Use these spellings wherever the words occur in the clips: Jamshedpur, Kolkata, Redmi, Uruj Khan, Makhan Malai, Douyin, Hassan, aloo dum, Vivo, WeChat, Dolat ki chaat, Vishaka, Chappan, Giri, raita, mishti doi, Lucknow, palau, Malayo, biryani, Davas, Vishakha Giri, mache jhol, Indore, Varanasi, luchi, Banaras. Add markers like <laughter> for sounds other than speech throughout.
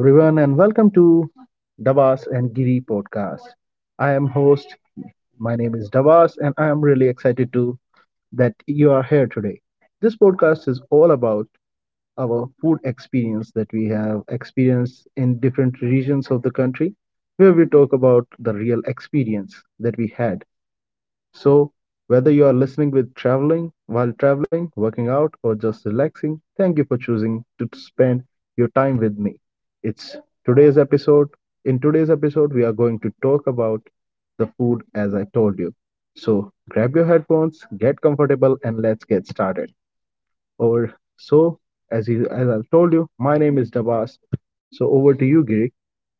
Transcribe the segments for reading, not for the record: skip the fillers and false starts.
Hello, everyone, and welcome to Davas and Giri podcast. I am host. My name is Davas, and I am really excited to that you are here today. This podcast is all about our food experience that we have experienced in different regions of the country, where we talk about the real experience that we had so, whether you are listening with traveling, while traveling, working out, or just relaxing, thank you for choosing to spend your time with me. It's today's episode. In today's episode, we are going to talk about the food as I told you. So, grab your headphones, get comfortable, and let's get started. Or so, as, you, as I told you, my name is Dabas. So, over to you, Giri.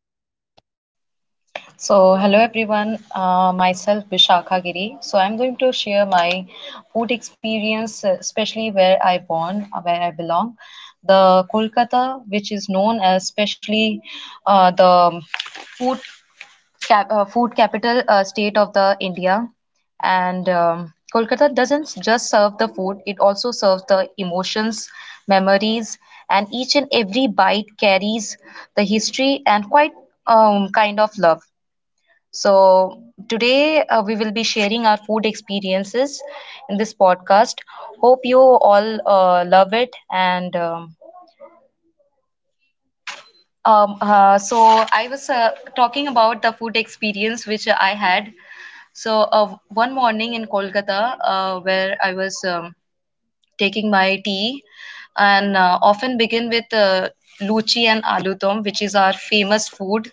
So, hello everyone, myself Vishakha Giri. So, I'm going to share my food experience, especially where I born, where I belong. The Kolkata, which is known as especially the food capital state of the India. And Kolkata doesn't just serve the food, it also serves the emotions, memories, and each and every bite carries the history and quite kind of love. So, today we will be sharing our food experiences in this podcast. Hope you all love it. And I was talking about the food experience which I had. So, one morning in Kolkata, where I was taking my tea and often begin with luchi and aloo dum, which is our famous food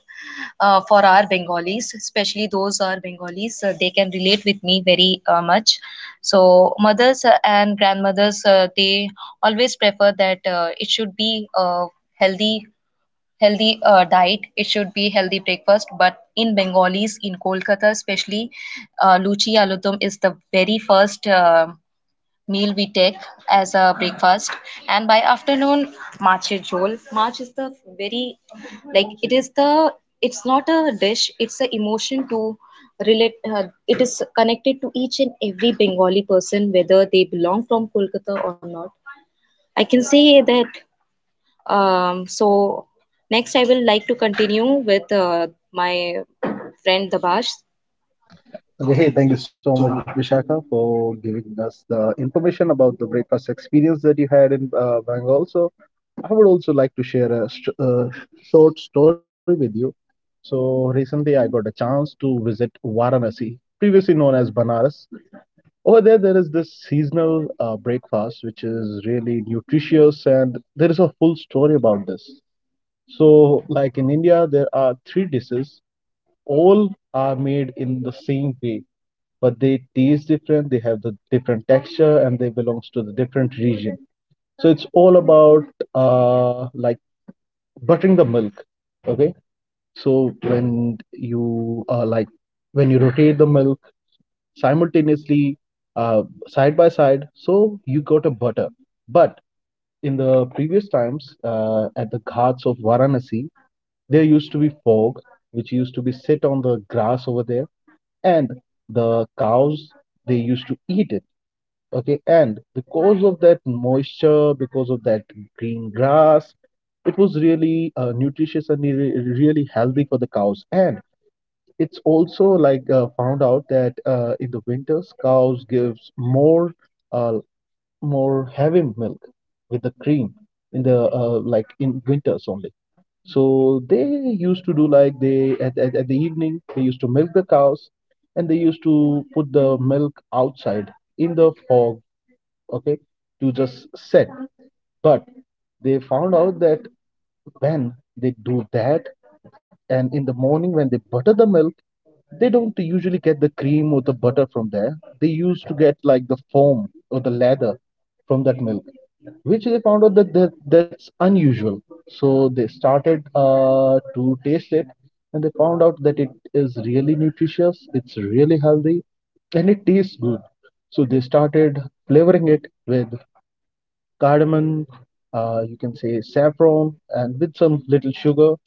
for our Bengalis, especially those are Bengalis. They can relate with me very much. So mothers and grandmothers, they always prefer that it should be a healthy healthy diet. It should be healthy breakfast. But in Bengalis, in Kolkata especially, luchi aloo dum is the very first meal we take as a breakfast. And by afternoon, marche jhol march is the very, like, it is the, it's not a dish, it's a emotion to relate. It is connected to each and every Bengali person whether they belong from Kolkata or not, I can say that. So next I will like to continue with my friend Dabash. Hey, thank Okay, you hey, so thank you much, so Vishal. much, Vishaka, for giving us the information about the breakfast experience that you had in Bengal. So, I would also like to share a short story with you. So, recently I got a chance to visit Varanasi, previously known as Banaras. Over there, there is this seasonal breakfast which is really nutritious, and there is a full story about this. So, like in India, there are three dishes, all are made in the same way but they taste different. They have the different texture and they belongs to the different region. So it's all about like buttering the milk. Okay, so when you like when you rotate the milk simultaneously, uh, side by side, so you got a butter. But in the previous times, at the ghats of Varanasi, there used to be fog which used to be sit on the grass over there. And the cows, they used to eat it. Okay, and because of that moisture, because of that green grass, it was really nutritious and really healthy for the cows. And it's also like found out that in the winters cows gives more uh, more heavy milk with the cream in the like in winters only. So they used to do like they at the evening they used to milk the cows and they used to put the milk outside in the fog. Okay, to just set. But they found out that when they do that and in the morning when they butter the milk, they don't usually get the cream or the butter from there. They used to get like the foam or the lather from that milk, which they found out that that's unusual. So they started to taste it and they found out that it is really nutritious, it's really healthy, and it tastes good. So they started flavoring it with cardamom, you can say saffron, and with some little sugar.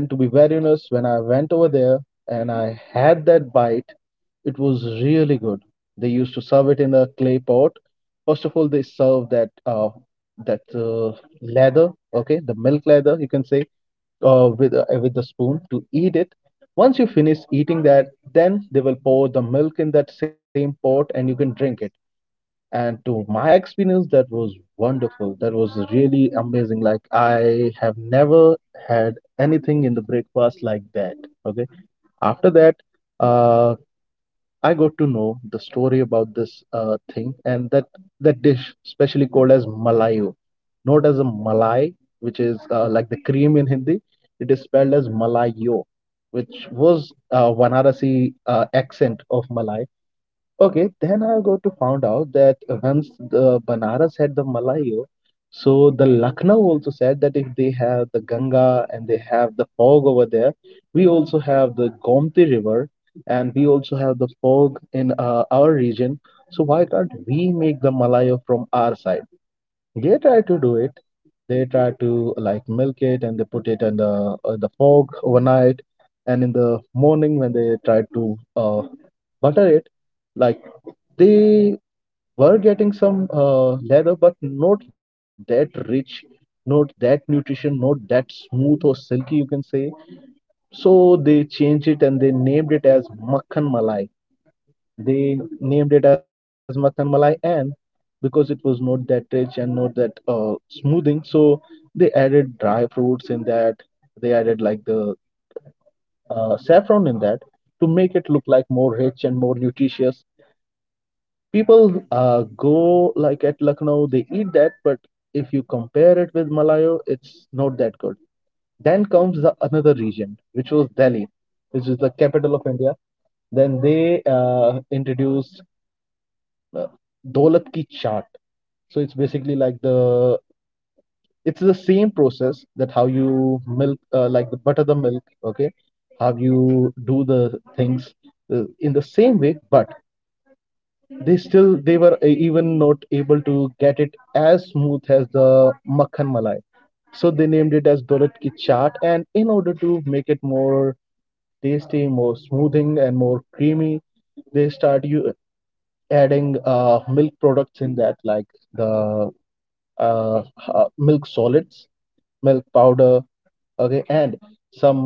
And to be very honest, when I went over there and I had that bite, it was really good. They used to serve it in a clay pot. First of all, they serve that leather, okay, the milk leather, you can say, with the spoon to eat it. Once you finish eating that, then they will pour the milk in that same pot, and you can drink it. And to my experience, that was wonderful, that was really amazing. Like I have never had anything in the breakfast like that. Okay, after that, uh, I got to know the story about this thing. And that dish specially called as malayo, not as a malai, which is like the cream in Hindi. It is spelled as malayo, which was Vanarasi accent of Malay. Okay, then I go to found out that once the Banaras had the malayo, so the Lucknow also said that if they have the Ganga and they have the fog over there, we also have the Gomti River and we also have the fog in our region. So why can't we make the malayo from our side? They try to do it. They try to like milk it and they put it in the fog overnight, and in the morning when they try to butter it, like they were getting some leather, but not that rich, not that nutrition, not that smooth or silky, you can say. So they changed it and they named it as makhan malai. They named it as makhan malai, and because it was not that rich and not that smoothing, so they added dry fruits in that. They added like the saffron in that to make it look like more rich and more nutritious. People go like at Lucknow, they eat that, but if you compare it with malayo, it's not that good. Then comes the another region, which was Delhi, which is the capital of India. Then they introduced uh, dolat ki chaat. So it's basically like the it's the same process that how you milk, like the butter the milk, okay? How you do the things in the same way, but they still they were even not able to get it as smooth as the makhan malai. So they named it as dolat ki chaat, and in order to make it more tasty, more smoothing and more creamy, they start you adding milk products in that, like the uh, milk solids, milk powder. Okay, and some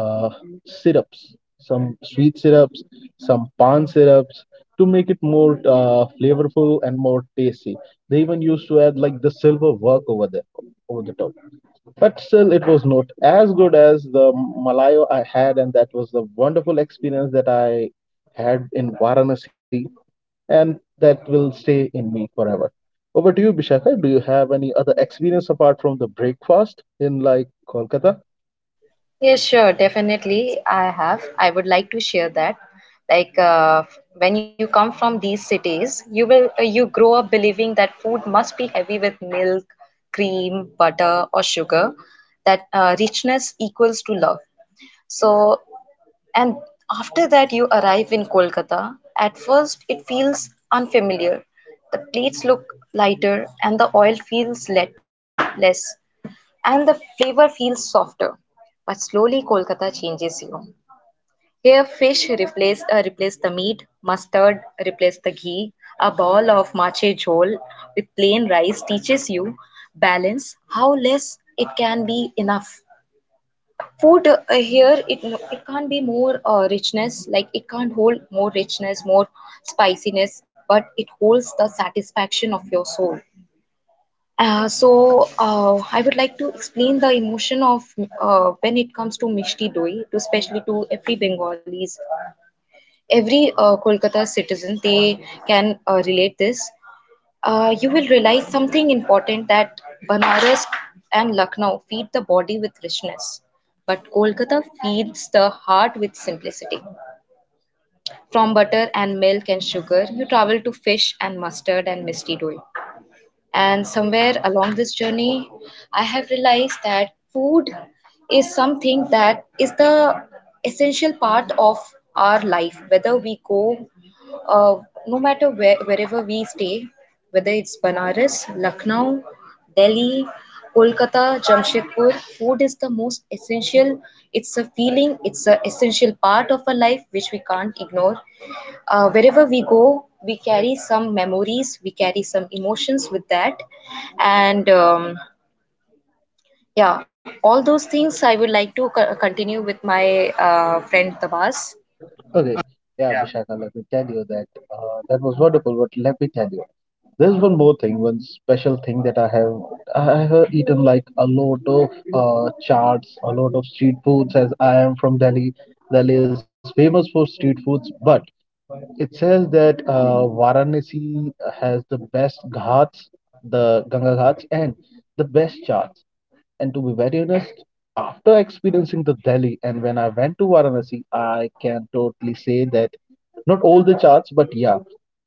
syrups, some sweet syrups, some pan syrups, to make it more flavorful and more tasty. They even used to add like the silver work over there over the top. But still it was not as good as the malayo I had. And that was the wonderful experience that I had in Varanasi, and that will stay in me forever. Over to you, Bishaka. Do you have any other experience apart from the breakfast in like Kolkata? Yes, sure, definitely, I have. I would like to share that. Like when you come from these cities, you will you grow up believing that food must be heavy with milk, cream, butter, or sugar. That richness equals to love. So, and after that, you arrive in Kolkata. At first, it feels unfamiliar. The plates look lighter, and the oil feels let less, and the flavor feels softer. But slowly, Kolkata changes you. Here, fish replace, replace the meat, mustard replace the ghee, a bowl of mache jhol with plain rice teaches you balance, how less it can be enough. Food here, it can't be more richness, like it can't hold more richness, more spiciness, but it holds the satisfaction of your soul. I would like to explain the emotion of when it comes to mishti doi, to especially to every Bengalis, every Kolkata citizen. They can relate this. You will realize something important that Banaras and Lucknow feed the body with richness, but Kolkata feeds the heart with simplicity. From butter and milk and sugar, you travel to fish and mustard and misty doi. And somewhere along this journey, I have realized that food is something that is the essential part of our life, whether we go, uh, no matter where, wherever we stay, whether it's Banaras, Lucknow, Delhi, Kolkata, Jamshedpur, food is the most essential. It's a feeling, it's an essential part of our life which we can't ignore. Wherever we go, we carry some memories, we carry some emotions with that. And Yeah, all those things I would like to continue with my friend Tabas. Okay, yeah, Vishaka, let me tell you that that was wonderful. But let me tell you, there's one more thing, one special thing that I have eaten like a lot of charts, a lot of street foods. As I am from Delhi, Delhi is famous for street foods, but it says that Varanasi has the best ghats, the Ganga ghats, and the best charts. And to be very honest, after experiencing the Delhi and when I went to Varanasi, I can totally say that not all the charts, but yeah,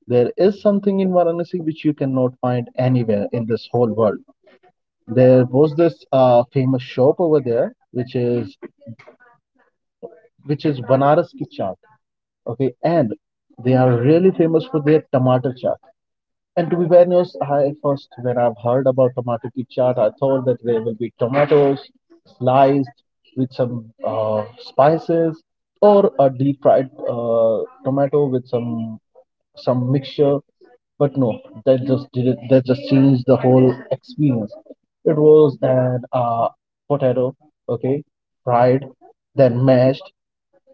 there is something in Varanasi which you cannot find anywhere in this whole world. There was this famous shop over there, which is Banaras ki chaat. Okay, and they are really famous for their tomato chaat. And to be very honest, I first when I've heard about tomato ki chaat, I thought that there will be tomatoes sliced with some spices, or a deep fried tomato with some mixture. But no, that just did it, that just changed the whole experience. It was an potato, okay, fried, then mashed,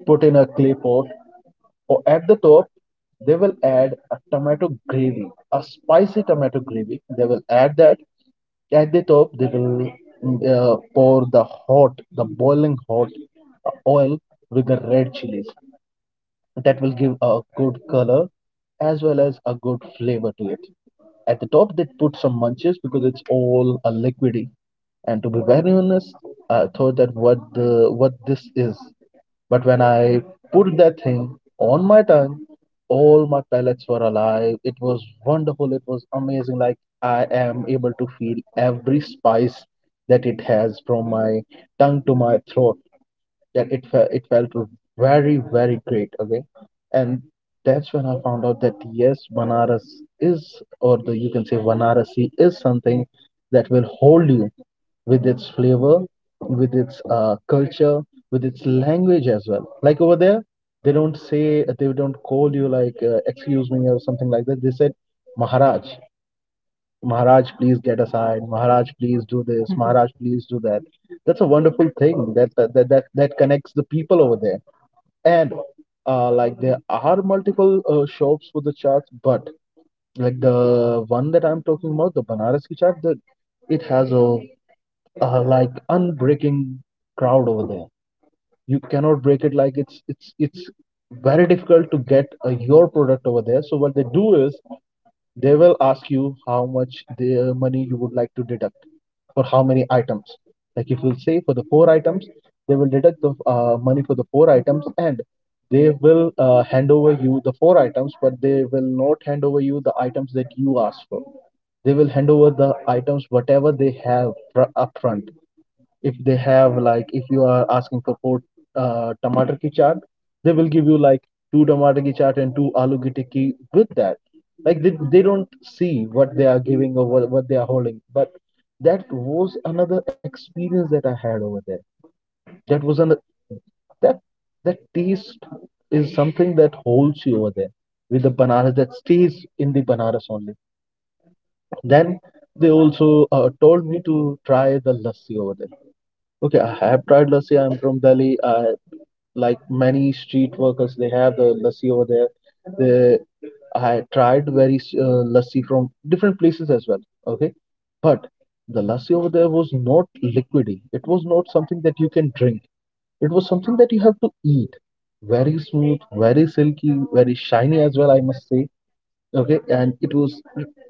put in a clay pot. Or at the top, they will add a tomato gravy, a spicy tomato gravy, they will add that. At the top, they will pour the hot, the boiling hot oil with the red chilies. That will give a good color as well as a good flavor to it. At the top, they put some munches because it's all a liquidy. And to be very honest, I thought that what the what this is. But when I put that thing on my tongue, all my palates were alive. It was wonderful. It was amazing. Like I am able to feel every spice that it has from my tongue to my throat. That it felt very very great. Okay, and that's when I found out that yes, Banaras is, or the you can say Vanarasi is something that will hold you with its flavor, with its culture, with its language as well. Like over there, they don't say, they don't call you like excuse me or something like that. They said maharaj. Maharaj, please get assigned. Maharaj, please do this. Mhm. Maharaj, please do that. That's a wonderful thing that that connects the people over there. And like there are multiple shops for the charts, but like the one that I'm talking about, the Banarasi chart, that it has a like unbreaking crowd over there. You cannot break it, like it's very difficult to get your product over there. So what they do is they will ask you how much the money you would like to deduct for how many items. Like if you say for the four items, they will deduct the money for the four items, and they will hand over you the four items, but they will not hand over you the items that you asked for. They will hand over the items whatever they have upfront. If they have, like if you are asking for four tomato ki chaat, they will give you like two tomato ki chaat and two aloo ki tikki with that. Like they don't see what they are giving or what they are holding. But that was another experience that I had over there. That was an, that, that taste is something that holds you over there. With the bananas, that stays in the bananas only. Then they also told me to try the lassi over there. Okay, I have tried lassi. I'm from Delhi. I like many street workers. They have the lassi over there. They, I tried very lassi from different places as well. Okay, but the lassi over there was not liquidy. It was not something that you can drink. It was something that you have to eat. Very smooth, very silky, very shiny as well, I must say. Okay, and it was,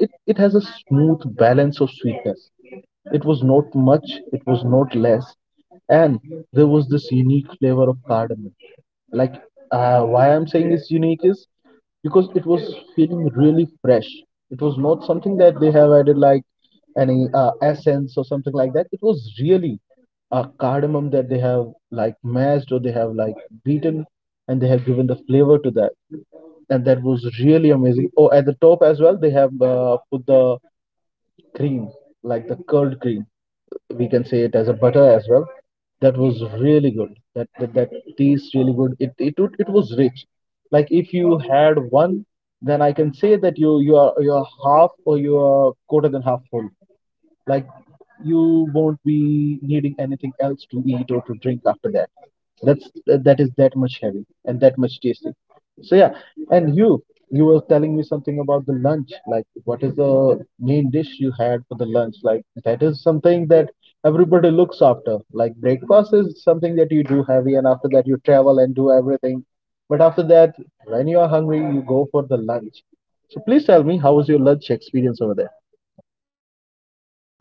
it has a smooth balance of sweetness. It was not much, it was not less. And there was this unique flavor of cardamom. Like, why I'm saying it's unique is because it was feeling really fresh. It was not something that they have added, like any essence or something like that. It was really a cardamom that they have like mashed, or they have like beaten, and they have given the flavor to that. And that was really amazing. Oh, at the top as well, they have put the cream, like the curd cream. We can say it as a butter as well. That was really good. That tastes really good. It it was rich. Like if you had one, then I can say that you are half, or you are quarter than half full. Like you won't be needing anything else to eat or to drink after that. That is that much heavy and that much tasty. So yeah, and you were telling me something about the lunch. Like what is the main dish you had for the lunch? Like that is something that everybody looks after. Like breakfast is something that you do heavy, and after that you travel and do everything. But after that, when you are hungry, you go for the lunch. So please tell me, how was your lunch experience over there?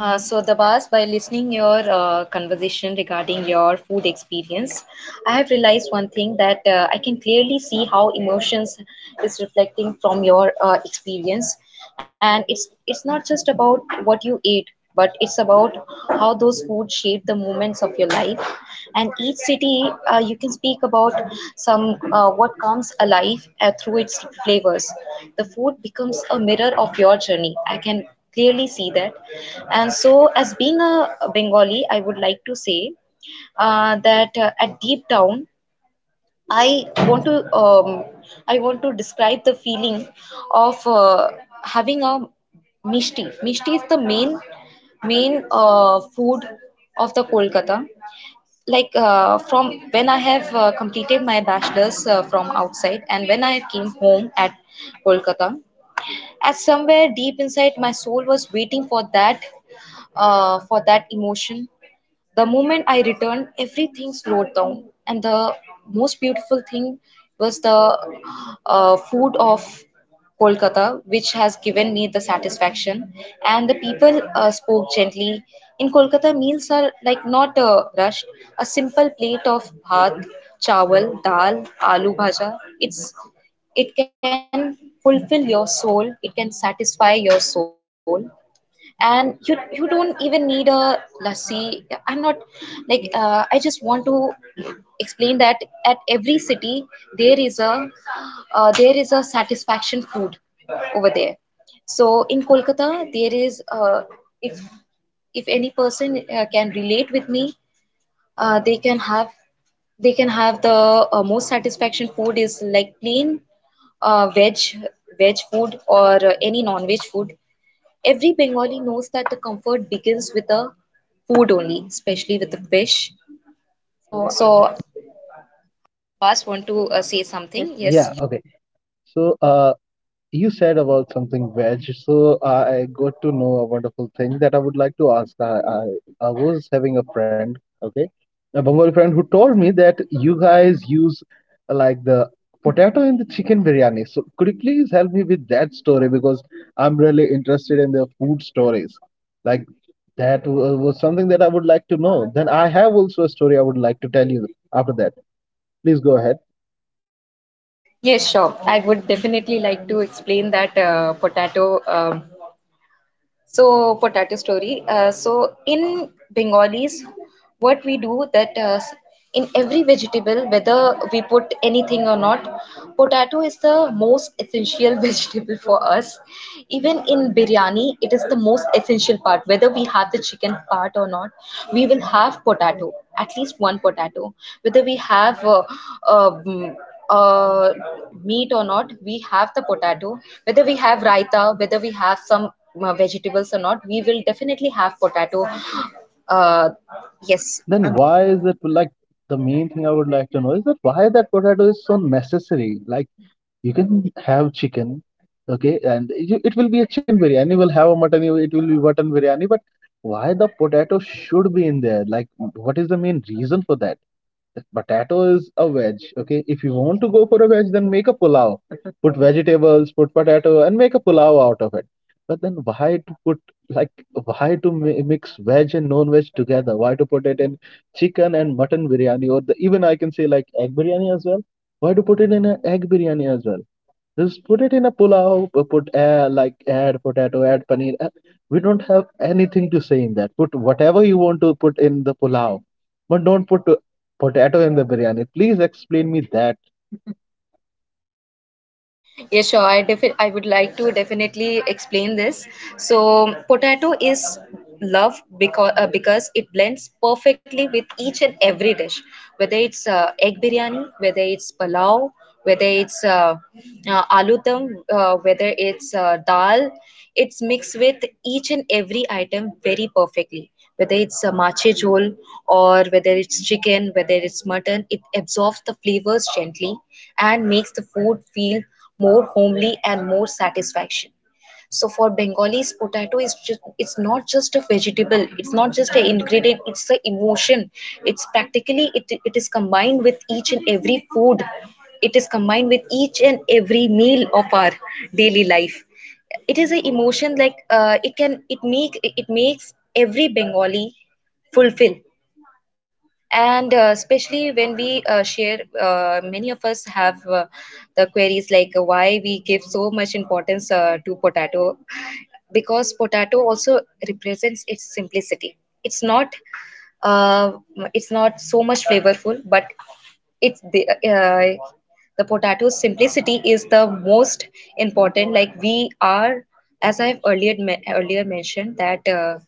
Dabas, by listening your conversation regarding your food experience, I have realized one thing that I can clearly see how emotions is reflecting from your experience, and it's not just about what you ate, but it's about how those food shape the moments of your life. And each city, you can speak about some, what comes alive through its flavors. The food becomes a mirror of your journey. I can clearly see that. And so, as being a Bengali, I would like to say that at deep down, I want to um, I want to describe the feeling of having a mishti. Mishti is the main food of the Kolkata. Like from when I have completed my bachelor's from outside, and when I came home at Kolkata, at somewhere deep inside my soul was waiting for that, for that emotion. The moment I returned, everything slowed down, and the most beautiful thing was the food of Kolkata, which has given me the satisfaction. And the people spoke gently. In Kolkata, meals are like not rushed. A simple plate of bhat, chawal, dal, aloo bhaja. It can fulfill your soul. It can satisfy your soul, and you don't even need a lassi. I'm not like, I just want to explain that at every city there is a, there is a satisfaction food over there. So in Kolkata, there is, if any person can relate with me, they can have, they can have the most satisfaction food is like plain veg, veg food or any non-veg food. Every Bengali knows that the comfort begins with the food only, especially with the fish. So So, Abbas, want to say something. Yes. something? Yeah, Yes. okay. So, you said about something veg. So, I got to know a wonderful thing that I would like to ask. I was having a friend, okay, a Bengali friend who told me that you guys use like the potato in the chicken biryani. So, could you please help me with that story, because I'm really interested in the food stories. Like was something that I would like to know. Then I have also a story I would like to tell you after that. Please go ahead. Yes, sure. I would definitely like to explain that. Potato So potato story. So in Bengalis, what we do that in every vegetable, whether we put anything or not, potato is the most essential <laughs> vegetable for us. Even in biryani, it is the most essential part. Whether we have the chicken part or not, we will have potato, at least one potato. Whether we have uh, mm, uh, meat or not, we have the potato. Whether we have raita, whether we have some vegetables or not, we will definitely have potato. uh, Yes. yes. Then Then why is it like, the main thing I would like to know is that why that potato is so necessary? Like you can have chicken, okay, and you, it will be a chicken biryani. You will have a mutton. It will be mutton biryani. But why the potato should be in there? Like what is the main reason for that? Potato is a veg. Okay, if you want to go for a veg, then make a pulao. <laughs> Put vegetables, put potato, and make a pulao out of it. But then why to put, like why to mix veg and non-veg together? Why to put it in chicken and mutton biryani, or the, even I can say like egg biryani as well? Why to put it in an egg biryani as well? Just put it in a pulao, put like add potato, add paneer. We don't have anything to say in that. Put whatever you want to put in the pulao, but don't put potato in the biryani. Please explain me that. yeah, sure. I would like to definitely explain this. So, potato is love because it blends perfectly with each and every dish, whether it's egg biryani, whether it's palau, whether it's aloo dum, whether it's dal. It's mixed with each and every item very perfectly. Whether it's a mache jhol or whether it's chicken, whether it's mutton, it absorbs the flavors gently and makes the food feel more homely and more satisfaction. So for Bengalis, potato is just, it's not just a vegetable, it's not just an ingredient, it's an emotion. It's practically it is combined with each and every food. It is combined with each and every meal of our daily life. It is an emotion. Like it makes every Bengali fulfill. And especially when we share, many of us have the queries like why we give so much importance to potato, because potato also represents its simplicity. It's not, uh, it's not so much flavorful, but it's the, the potato's simplicity is the most important. Like we are, as I've earlier mentioned that.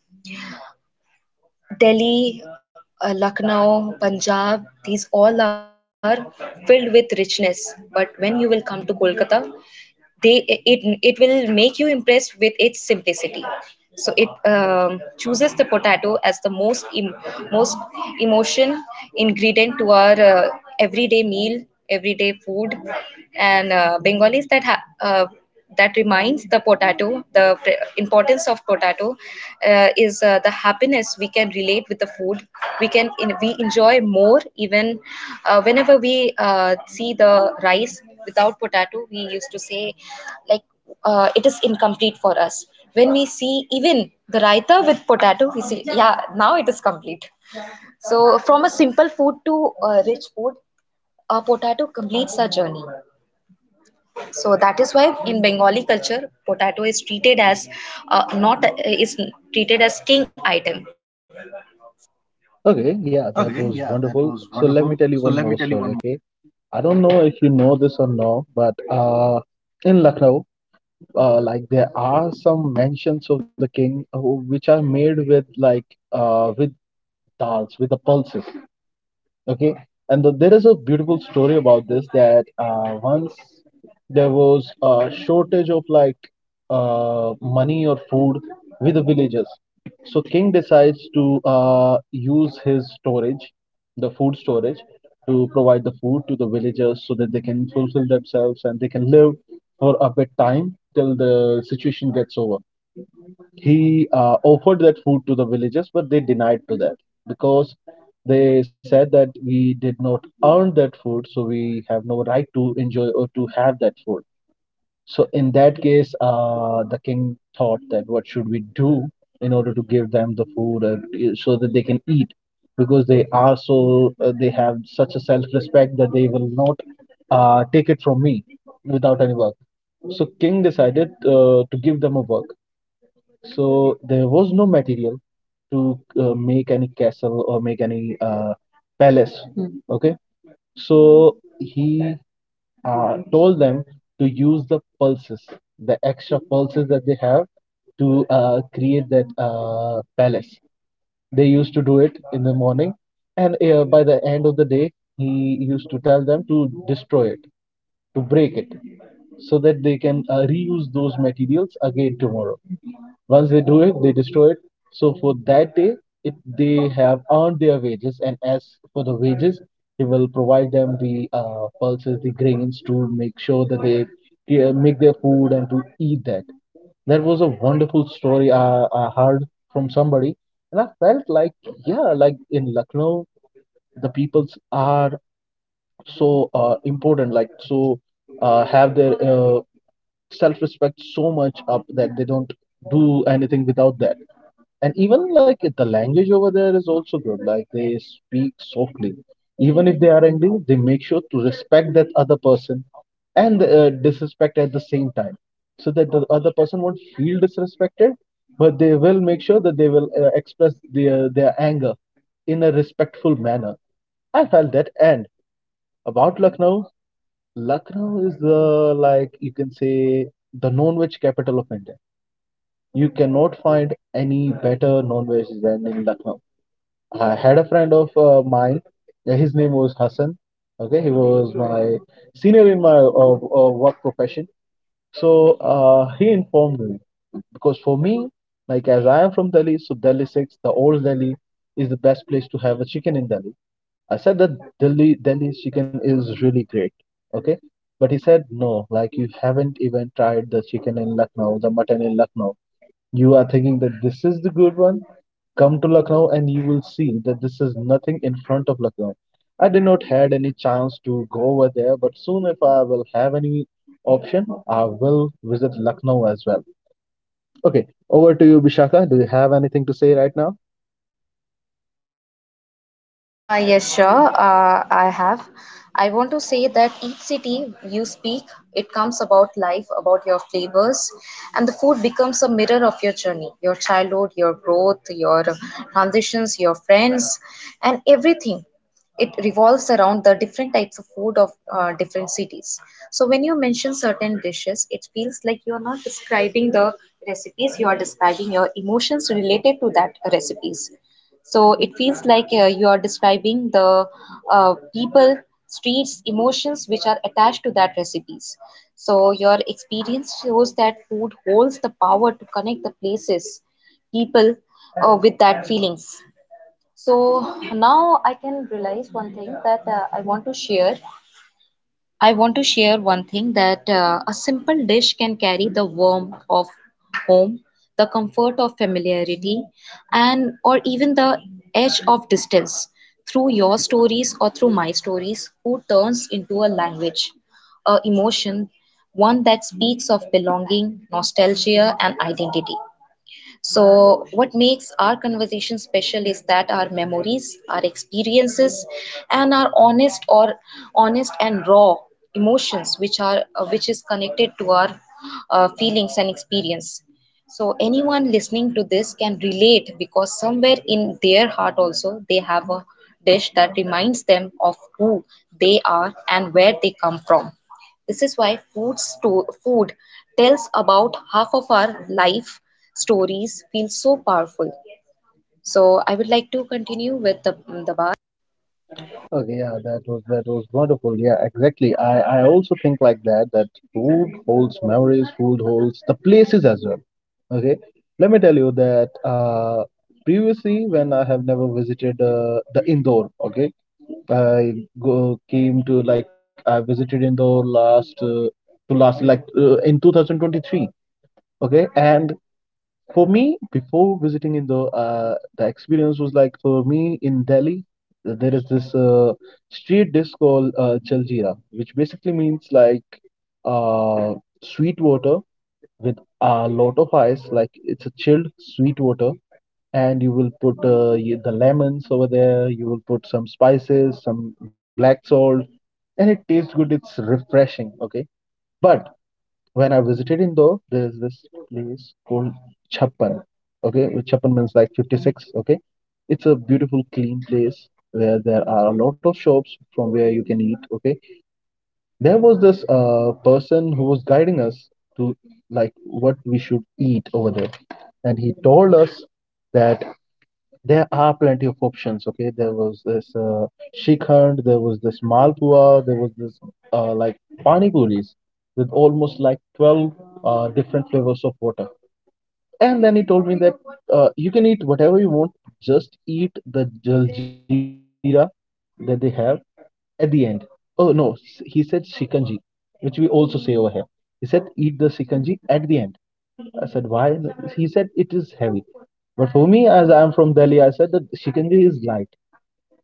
Delhi, Lucknow, Punjab, these all are filled with richness. But when you will come to Kolkata, they it will make you impressed with its simplicity. So it chooses the potato as the most most emotion ingredient to our everyday meal, everyday food. And Bengalis that that reminds the importance of potato is the happiness we can relate with the food. We can, we enjoy more even whenever we see the rice without potato, we used to say like it is incomplete for us. When we see even the raita with potato, we see, yeah, now it is complete. So, from a simple food to a rich food, a potato completes our journey. So that is why in Bengali culture, potato is treated as, not is treated as king item. Okay, Okay, yeah, yeah, that that was was wonderful. wonderful. So let So me let tell me you tell one you one more more. story. Okay, I don't know if you know this or no, but in Lucknow, like there are some mansions of the king who, which are made with like with dals, with the pulses. Okay, and the, there is a beautiful story about this, that once there was a shortage of like money or food with the villagers. So king decides to use his storage, the food storage, to provide the food to the villagers so that they can fulfill themselves and they can live for a bit time till the situation gets over. He offered that food to the villagers, but they denied to that, because they said that we did not earn that food, so we have no right to enjoy or to have that food. So in that case, the king thought that what should we do in order to give them the food, or so that they can eat, because they are so they have such a self-respect that they will not take it from me without any work. So king decided to give them a work. So there was no material to make any castle or make any palace. Hmm. Okay. So he told them to use the pulses, the extra pulses that they have, to create that palace. They used to do it in the morning, and by the end of the day, he used to tell them to destroy it, to break it, so that they can reuse those materials again tomorrow. Once they do it, they destroy it. So for that day, it, they have earned their wages, and as for the wages, he will provide them the pulses, the grains, to make sure that they make their food and to eat that. That was a wonderful story I heard from somebody, and I felt like, yeah, like in Lucknow, the peoples are so important, like so have their self-respect so much up that they don't do anything without that. And even like the language over there is also good, like they speak softly. Even if they are angry, they make sure to respect that other person, and disrespect at the same time, so that the other person won't feel disrespected, but they will make sure that they will express their anger in a respectful manner. I felt that. And about Lucknow, Lucknow is the, like you can say, the non-veg capital of India. You cannot find any better non-veg than in Lucknow. I had a friend of mine. His name was Hassan. Okay, he was my senior in my work profession. So he informed me, because for me, like as I am from Delhi, so Delhi Six, the old Delhi, is the best place to have a chicken in Delhi. I said that Delhi's chicken is really great. Okay, but he said no, like you haven't even tried the chicken in Lucknow, the mutton in Lucknow. You are thinking that this is the good one. Come to Lucknow and you will see that this is nothing in front of Lucknow. I did not had any chance to go over there, but soon if I will have any option, I will visit Lucknow as well. Okay, over to you, Bishaka. Do you have anything to say right now? Yes, sure. I have. I want to say that each city you speak, it comes about life, about your flavors, and the food becomes a mirror of your journey, your childhood, your growth, your transitions, your friends, and everything. It revolves around the different types of food of different cities. So when you mention certain dishes, it feels like you are not describing the recipes, you are describing your emotions related to that recipes. So it feels like you are describing the people, streets, emotions which are attached to that recipes. So your experience shows that food holds the power to connect the places, people with that feelings. So now I can realize one thing that I want to share one thing that a simple dish can carry the warmth of home, the comfort of familiarity, and or even the edge of distance. Through your stories or through my stories, food turns into a language, a emotion, one that speaks of belonging, nostalgia, and identity. So, what makes our conversation special is that our memories, our experiences, and our honest and raw emotions, which are, which is connected to our feelings and experience. So, anyone listening to this can relate because somewhere in their heart also they have a dish that reminds them of who they are and where they come from. This is why food, food tells about half of our life stories feel so powerful. So I would like to continue with the bar. Okay, yeah, that was wonderful. Yeah, exactly. I also think like that. That food holds memories, food holds the places as well. Okay, let me tell you that previously when I have never visited the Indore. Okay, I go came to, like I visited in the last to last, like in 2023. Okay, and for me before visiting in the experience was like, for me in Delhi, there is this street dish called Jaljeera, which basically means like uh, sweet water with a lot of ice. Like it's a chilled sweet water, and you will put the lemons over there, you will put some spices, some black salt, and it tastes good, it's refreshing. Okay, but when I visited Indo, there's this place called Chappan, okay, which Chappan means like 56. Okay, it's a beautiful clean place where there are a lot of shops from where you can eat. Okay, there was this person who was guiding us to, like what we should eat over there. And he told us that there are plenty of options. Okay, there was this shikhand, there was this malpua, there was this like pani puris with almost like 12 different flavors of water. And then he told me that you can eat whatever you want, just eat the jaljeera that they have at the end. Oh no, he said shikanji, which we also say over here. He said eat the shikanji at the end. I said, why? He said, it is heavy. But for me, as I'm from Delhi, I said that shikanje is light.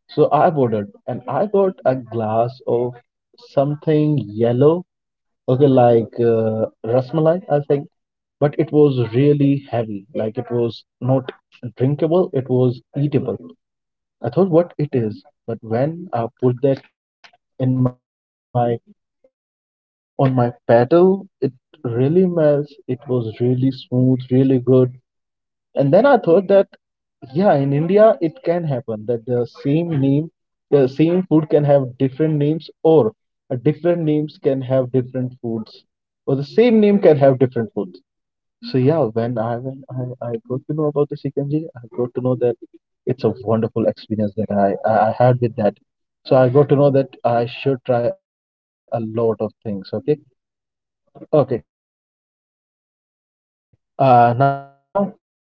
So I ordered and I got a glass of something yellow, okay, like rasmalai, I think. But it was really heavy, like it was not drinkable, it was eatable. I thought what it is, but when I put that in my, on my paddle, it really melts. It was really smooth, really good. And then I thought that yeah, in India, it can happen that the same name, the same food can have different names, or a different names can have different foods, or the same name can have different foods. So yeah, when I when I got to know about the Sikanji, I got to know that it's a wonderful experience that I had with that. So I got to know that I should try a lot of things. Okay, okay. Now over to you, Giri. Please give the conclusion.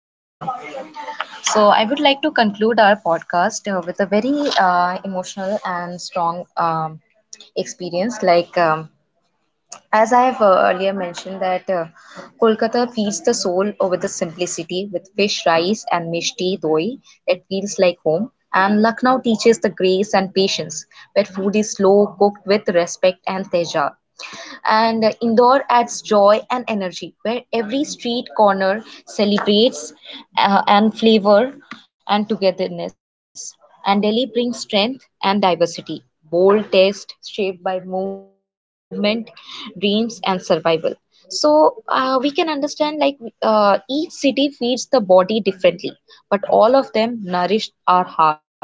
Yeah, Okay, sure. Giri, are you So still I here? would like to conclude our Yes, sure. podcast with a very So I would like to emotional and strong experience. Like as I have earlier mentioned that Kolkata feeds the soul with the simplicity with fish rice and mishti doi that feels like home. And Lucknow teaches the grace and patience where food is slow cooked with respect and teja. And Indore adds joy and energy, where every street corner celebrates and flavor and togetherness. And Delhi brings strength and diversity, bold taste shaped by movement, dreams, and survival. So we can understand like each city feeds the body differently, but all of them nourish our heart.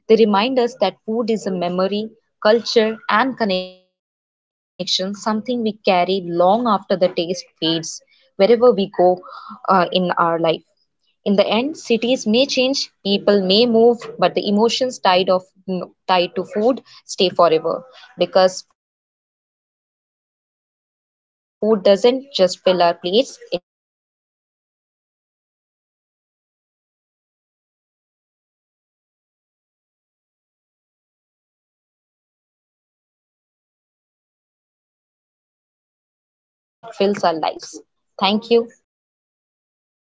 They remind us that food is a memory, culture, and connection, something we carry long after the taste fades wherever we go in our life. In the end, cities may change, people may move, but the emotions tied of, tied to food stay forever because food doesn't just fill our plates; it fills our lives. Thank you. पानी पीना है, पानी पीना है।